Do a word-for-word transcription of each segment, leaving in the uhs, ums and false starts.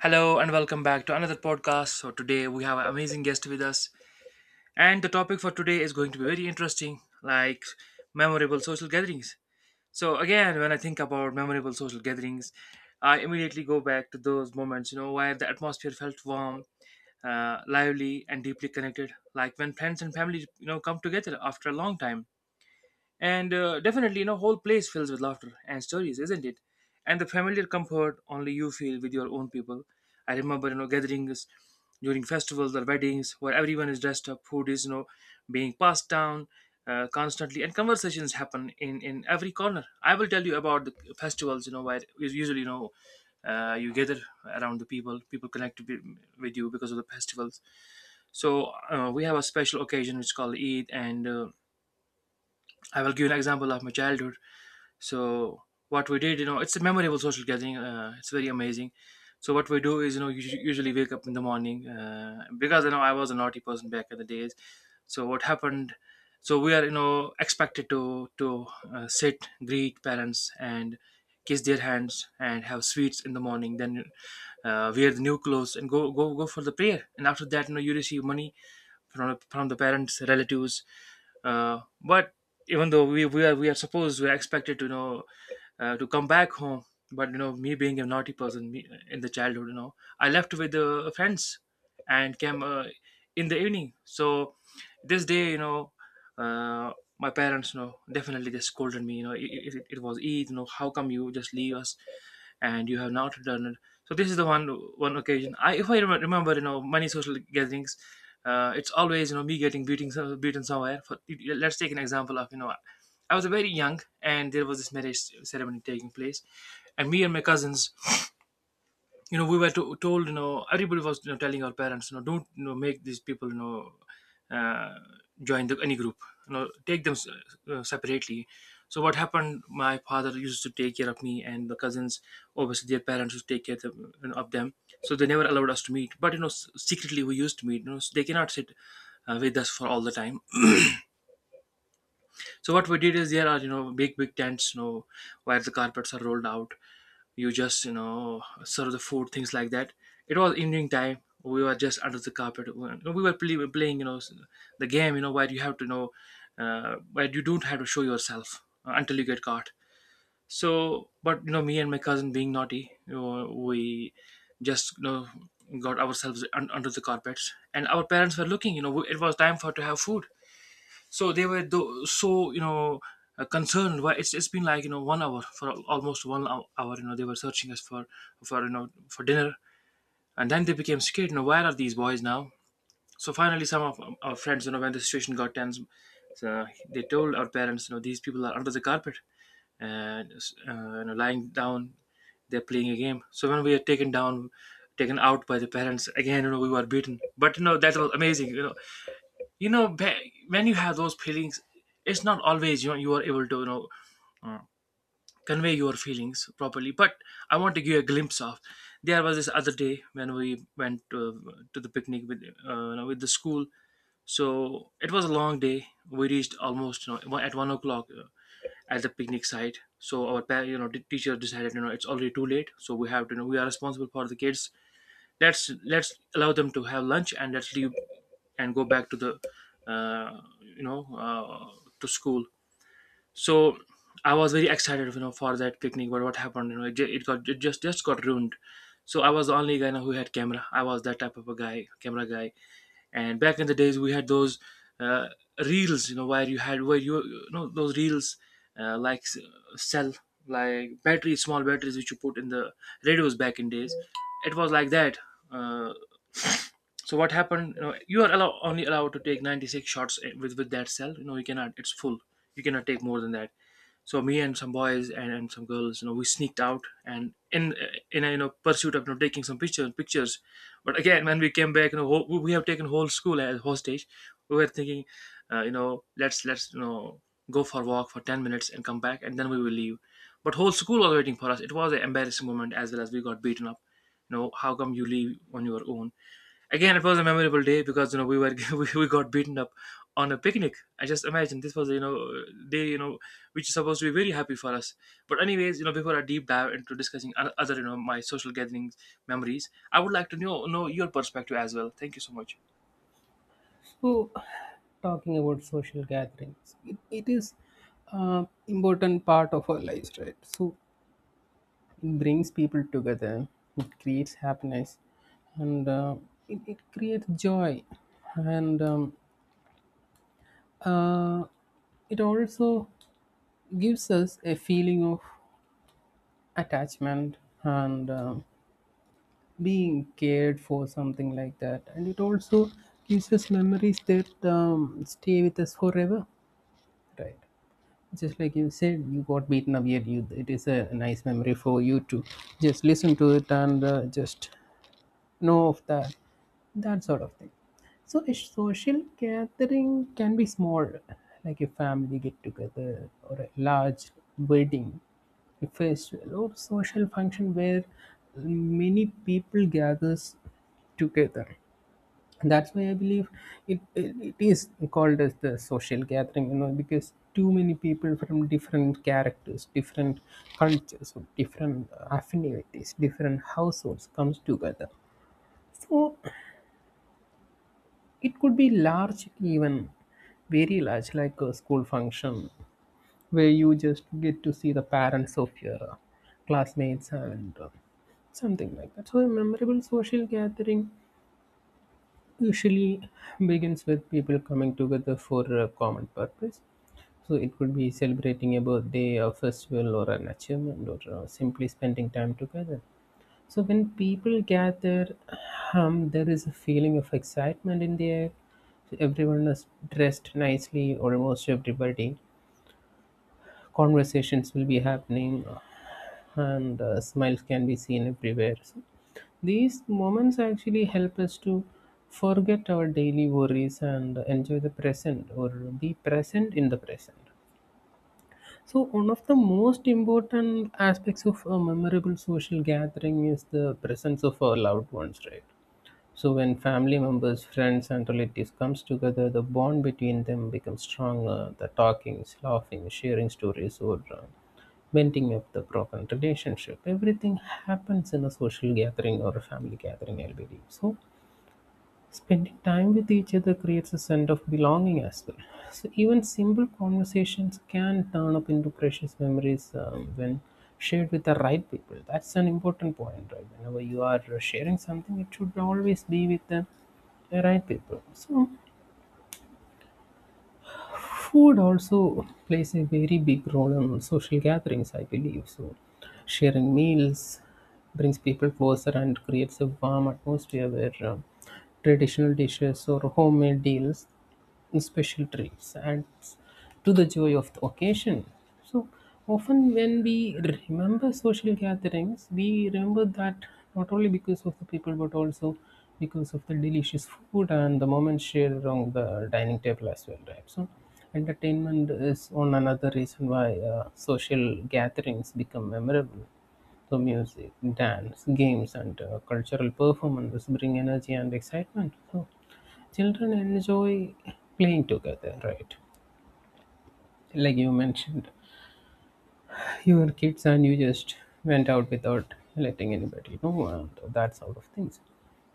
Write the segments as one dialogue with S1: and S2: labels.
S1: Hello and welcome back to another podcast. So today we have an amazing guest with us, and the topic for today is going to be very interesting, like memorable social gatherings. So again, when I think about memorable social gatherings, I immediately go back to those moments, you know, where the atmosphere felt warm, uh, lively, and deeply connected, like when friends and family, you know, come together after a long time and uh, definitely, you know, whole place fills with laughter and stories, isn't it? And the familiar comfort only you feel with your own people. I remember, you know, gatherings during festivals or weddings where everyone is dressed up, food is, you know, being passed down uh, constantly, and conversations happen in, in every corner. I will tell you about the festivals, you know, where us- usually, you know, uh, you gather around the people, people connect with with you because of the festivals. So uh, we have a special occasion which is called Eid, and uh, I will give an example of my childhood. So what we did, you know, it's a memorable social gathering. Uh, it's very amazing. So what we do is, you know, you usually wake up in the morning uh, because you know I was a naughty person back in the days. So what happened? So we are, you know, expected to to uh, sit, greet parents, and kiss their hands and have sweets in the morning. Then uh, wear the new clothes and go go go for the prayer. And after that, you know, you receive money from, from the parents relatives uh, but even though we, we are we are supposed we are expected to you know uh, to come back home, but you know me being a naughty person me, in the childhood, you know, I left with the friends and came uh, in the evening. So this day, you know, uh, my parents, you know, definitely they scolded me. You know, it, it, it was Eid. You know, how come you just leave us and you have not done. So this is the one one occasion. I if I rem- remember, you know, many social gatherings, uh, it's always you know me getting beaten so- beaten somewhere. For let's take an example of, you know, I was very young and there was this marriage ceremony taking place, and me and my cousins, you know, we were to, told, you know, everybody was, you know, telling our parents, you know, don't, you know, make these people, you know, uh, join the any group, you know, take them s- uh, separately. So what happened, my father used to take care of me and the cousins. Obviously their parents used to take care of them, you know, of them. So they never allowed us to meet, but you know s- secretly we used to meet, you know, so they cannot sit uh, with us for all the time. So what we did is there are, you know, big big tents, you know, where the carpets are rolled out. You just you know serve the food, things like that. It was evening time. We were just under the carpet. We were play, playing, you know, the game, you know, where you have to know uh, where you don't have to show yourself uh, until you get caught. So but you know me and my cousin being naughty, you know, we just you know got ourselves un- under the carpets, and our parents were looking. You know, it was time for to have food, so they were tho- so you know uh, concerned. Why, it's it's been like you know one hour for al- almost one hou- hour. You know they were searching us for for you know for dinner, and then they became scared. You know where are these boys now? So finally, some of um, our friends, you know, when the situation got tense, so they told our parents, you know, these people are under the carpet and uh, you know, lying down. They're playing a game. So when we are taken down, taken out by the parents, again, you know, we were beaten. But you know that was amazing. You know, you know ba- when you have those feelings, it's not always you know you are able to you know uh, convey your feelings properly, but I want to give you a glimpse of there was this other day when we went to, to the picnic with uh, you know, with the school. So it was a long day. We reached almost, you know, at one o'clock, uh, at the picnic site. So our pa- you know the teacher decided, you know, it's already too late, so we have to you know we are responsible for the kids. Let's let's allow them to have lunch, and let's leave and go back to the uh, you know uh, to school. So I was very excited you know for that picnic, but what happened, you know, it, ju- it got, it just just got ruined. So I was the only guy, you know, who had camera. I was that type of a guy, camera guy. And back in the days we had those uh, reels, you know, where you had, where you, you know, those reels uh, like s- cell, like batteries, small batteries, which you put in the radios back in days. It was like that. uh, so what happened? You know, you are allow, only allowed to take ninety-six shots eh, with with that cell. You know, you cannot. It's full. You cannot take more than that. So me and some boys and, and some girls, you know, we sneaked out and in eh, in a you know pursuit of you know, taking some pictures pictures. But again, when we came back, you know, whole, we have taken whole school as hostage. We were thinking, uh, you know, let's let's you know go for a walk for ten minutes and come back and then we will leave. But whole school was waiting for us. It was an embarrassing moment as well as we got beaten up. You know, how come you leave on your own? Again, it was a memorable day because you know we were we, we got beaten up on a picnic. I just imagine this was you know day you know which is supposed to be very happy for us. But anyways, you know before I deep dive into discussing o- other you know my social gatherings memories, I would like to know know your perspective as well. Thank you so much.
S2: So, talking about social gatherings, it, it is uh, important part of our lives, right? So, it brings people together, it creates happiness, and uh, it, it creates joy, and um, uh, it also gives us a feeling of attachment and um being cared for, something like that. And it also gives us memories that um, stay with us forever, right? Just like you said you got beaten up yet you it is a nice memory for you to just listen to it and uh, just know of that that sort of thing. So a social gathering can be small like a family get together or a large wedding, a festival or social function where many people gathers together. That's why I believe it, it, it is called as the social gathering, you know, because too many people from different characters, different cultures or different uh, affinities, different households comes together. So it could be large, even very large, like a school function where you just get to see the parents of your uh, classmates and uh, something like that. So a memorable social gathering usually begins with people coming together for a common purpose. So it could be celebrating a birthday, a festival, or an achievement, or uh, simply spending time together. So when people gather, um, there is a feeling of excitement in the air. So everyone is dressed nicely, almost everybody. Conversations will be happening, and uh, smiles can be seen everywhere. So these moments actually help us to forget our daily worries and enjoy the present or be present in the present. So one of the most important aspects of a memorable social gathering is the presence of our loved ones, right? So when family members, friends, and relatives comes together, the bond between them becomes stronger. The talking, laughing, sharing stories, or uh, mending up the broken relationship, everything happens in a social gathering or a family gathering, I believe so. Spending time with each other creates a sense of belonging as well. So even simple conversations can turn up into precious memories um, when shared with the right people. That's an important point, right? Whenever you are sharing something, it should always be with the right people. So food also plays a very big role in social gatherings, I believe so. Sharing meals brings people closer and creates a warm atmosphere where uh, traditional dishes or homemade deals and special treats and to the joy of the occasion. So often when we remember social gatherings, we remember that not only because of the people but also because of the delicious food and the moments shared around the dining table as well, right? So entertainment is one another reason why uh, social gatherings become memorable. So music, dance, games, and uh, cultural performances bring energy and excitement. So children enjoy playing together, right? Like you mentioned your kids and you just went out without letting anybody know and that sort of things.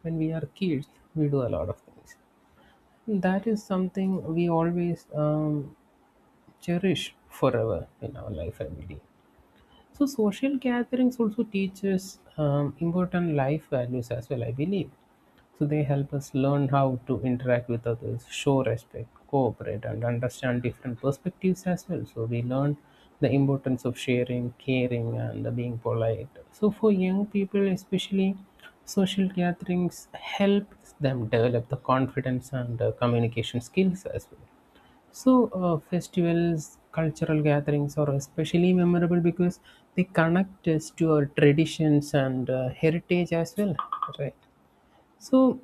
S2: When we are kids, we do a lot of things. That is something we always um, cherish forever in our life every day. So social gatherings also teach us um, important life values as well, I believe. So they help us learn how to interact with others, show respect, cooperate, and understand different perspectives as well. So we learn the importance of sharing, caring, and uh, being polite. So for young people, especially, social gatherings help them develop the confidence and uh, communication skills as well. So, uh, festivals, cultural gatherings are especially memorable because they connect us to our traditions and uh, heritage as well, right? So,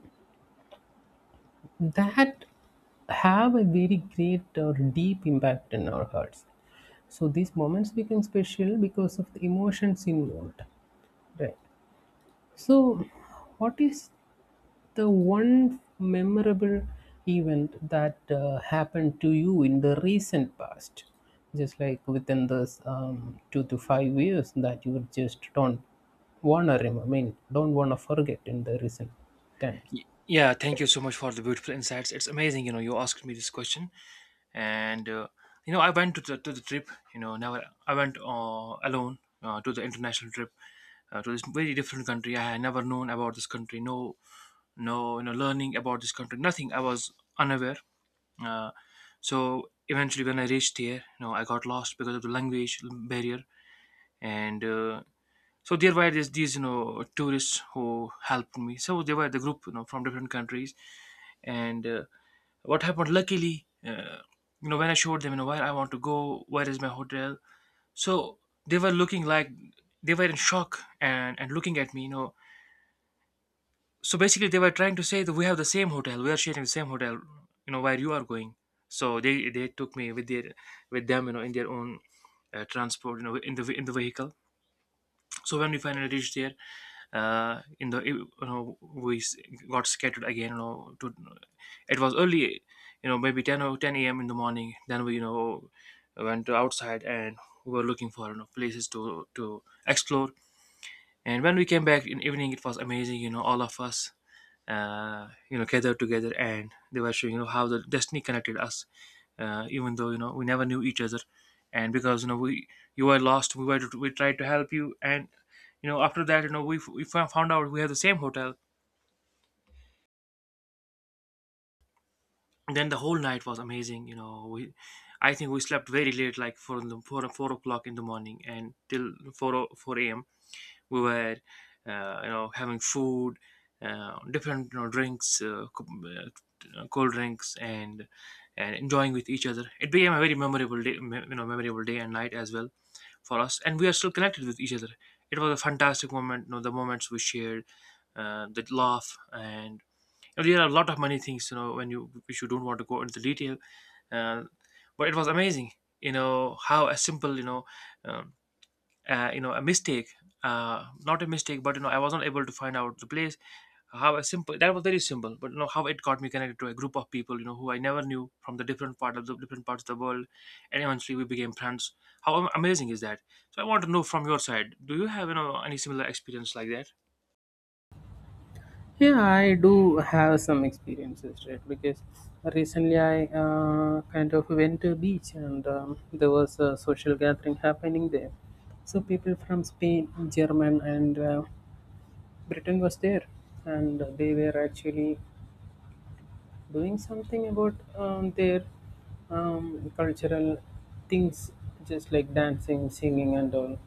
S2: that have a very great or deep impact in our hearts. So, these moments become special because of the emotions involved, right? So, what is the one memorable event that uh, happened to you in the recent past, just like within this um, two to five years, that you just don't wanna remember, I mean, don't wanna forget in the recent times.
S1: Y- Yeah, thank you so much for the beautiful insights. It's amazing, you know, you asked me this question, and uh, you know I went to the, to the trip, you know, never I went uh, alone uh, to the international trip uh, to this very different country. I had never known about this country. No no, you know, learning about this country, nothing. I was unaware. uh, so eventually when I reached here, you know, I got lost because of the language barrier. And uh, so there were these, these you know tourists who helped me. So they were the group, you know, from different countries, and uh, what happened? Luckily, uh, you know, when I showed them, you know, where I want to go, where is my hotel. So they were looking like they were in shock and and looking at me. You know, so basically they were trying to say that we have the same hotel, we are sharing the same hotel. You know where you are going. So they they took me with their with them, you know, in their own uh, transport, you know, in the in the vehicle. So when we finally reached there uh, in the you know we s- got scattered again, you know, to it was early, you know, maybe ten or ten a.m. in the morning. Then we you know went outside, and we were looking for you know places to to explore. And when we came back in evening, it was amazing. You know, all of us, uh, you know, gathered together, and they were showing you know how the destiny connected us, uh, even though you know we never knew each other, and because you know we you were lost, we were we tried to help you, and you know after that, you know we we fo- found out we have the same hotel. Then the whole night was amazing. You know, we I think we slept very late, like for the four four o'clock in the morning, and till four o- four a m. we were uh, you know having food, uh, different, you know, drinks uh, co- uh, cold drinks, and and enjoying with each other. It became a very memorable day, me- you know memorable day and night as well for us, and we are still connected with each other. It was a fantastic moment, you know, the moments we shared, uh, the laugh, and you know, there are a lot of many things, you know, when you which you don't want to go into detail. uh, but it was amazing, you know, how a simple, you know, um, uh, you know, a mistake, uh, not a mistake, but you know I was not able to find out the place. How a simple that was very simple, but you know how it got me connected to a group of people, you know, who I never knew, from the different part of the different parts of the world, and eventually we became friends. How am- amazing is that? So I want to know from your side, do you have, you know, any similar experience like that?
S2: Yeah, I do have some experiences, right? Because recently I uh, kind of went to a beach and um, there was a social gathering happening there. So people from Spain, German, and uh, Britain was there, and they were actually doing something about um, their um, cultural things, just like dancing, singing, and all.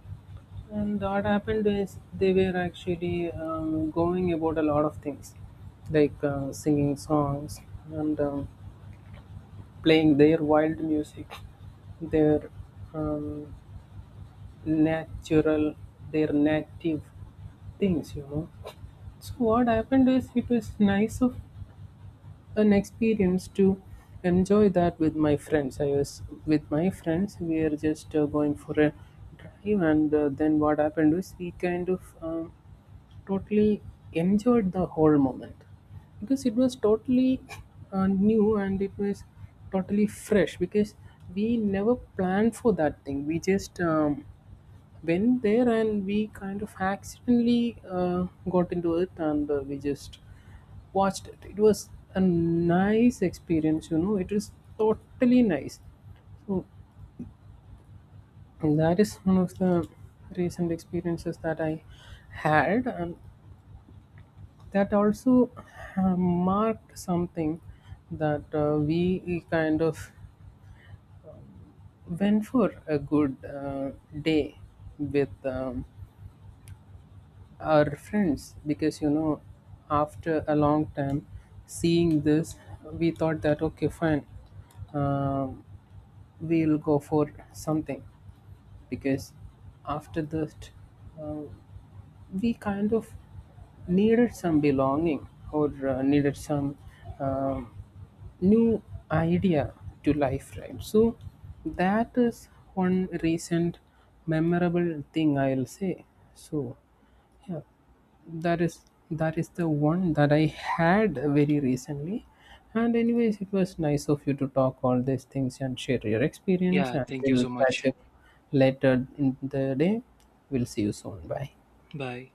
S2: And what happened is they were actually um, going about a lot of things, like uh, singing songs and um, playing their wild music, their um, natural, their native things, you know. So what happened is it was nice of an experience to enjoy that with my friends. I was with my friends. We are just uh, going for a drive, and uh, then what happened was we kind of um, totally enjoyed the whole moment because it was totally uh, new and it was totally fresh because we never planned for that thing. We just um, went there and we kind of accidentally uh, got into it and uh, we just watched it. It was a nice experience, you know. It was totally nice. So that is one of the recent experiences that I had, and that also uh, marked something that uh, we kind of went for a good uh, day with um, our friends because, you know, after a long time seeing this, we thought that okay fine, um, we'll go for something because after that uh, we kind of needed some belonging or uh, needed some um new idea to life, right? So that is one recent memorable thing, I'll say. So yeah, that is that is the one that I had very recently. And anyways, it was nice of you to talk all these things and share your experience.
S1: Yeah,
S2: And
S1: thank you
S2: we'll
S1: so much.
S2: catch up later in the day. We'll see you soon. Bye.
S1: Bye.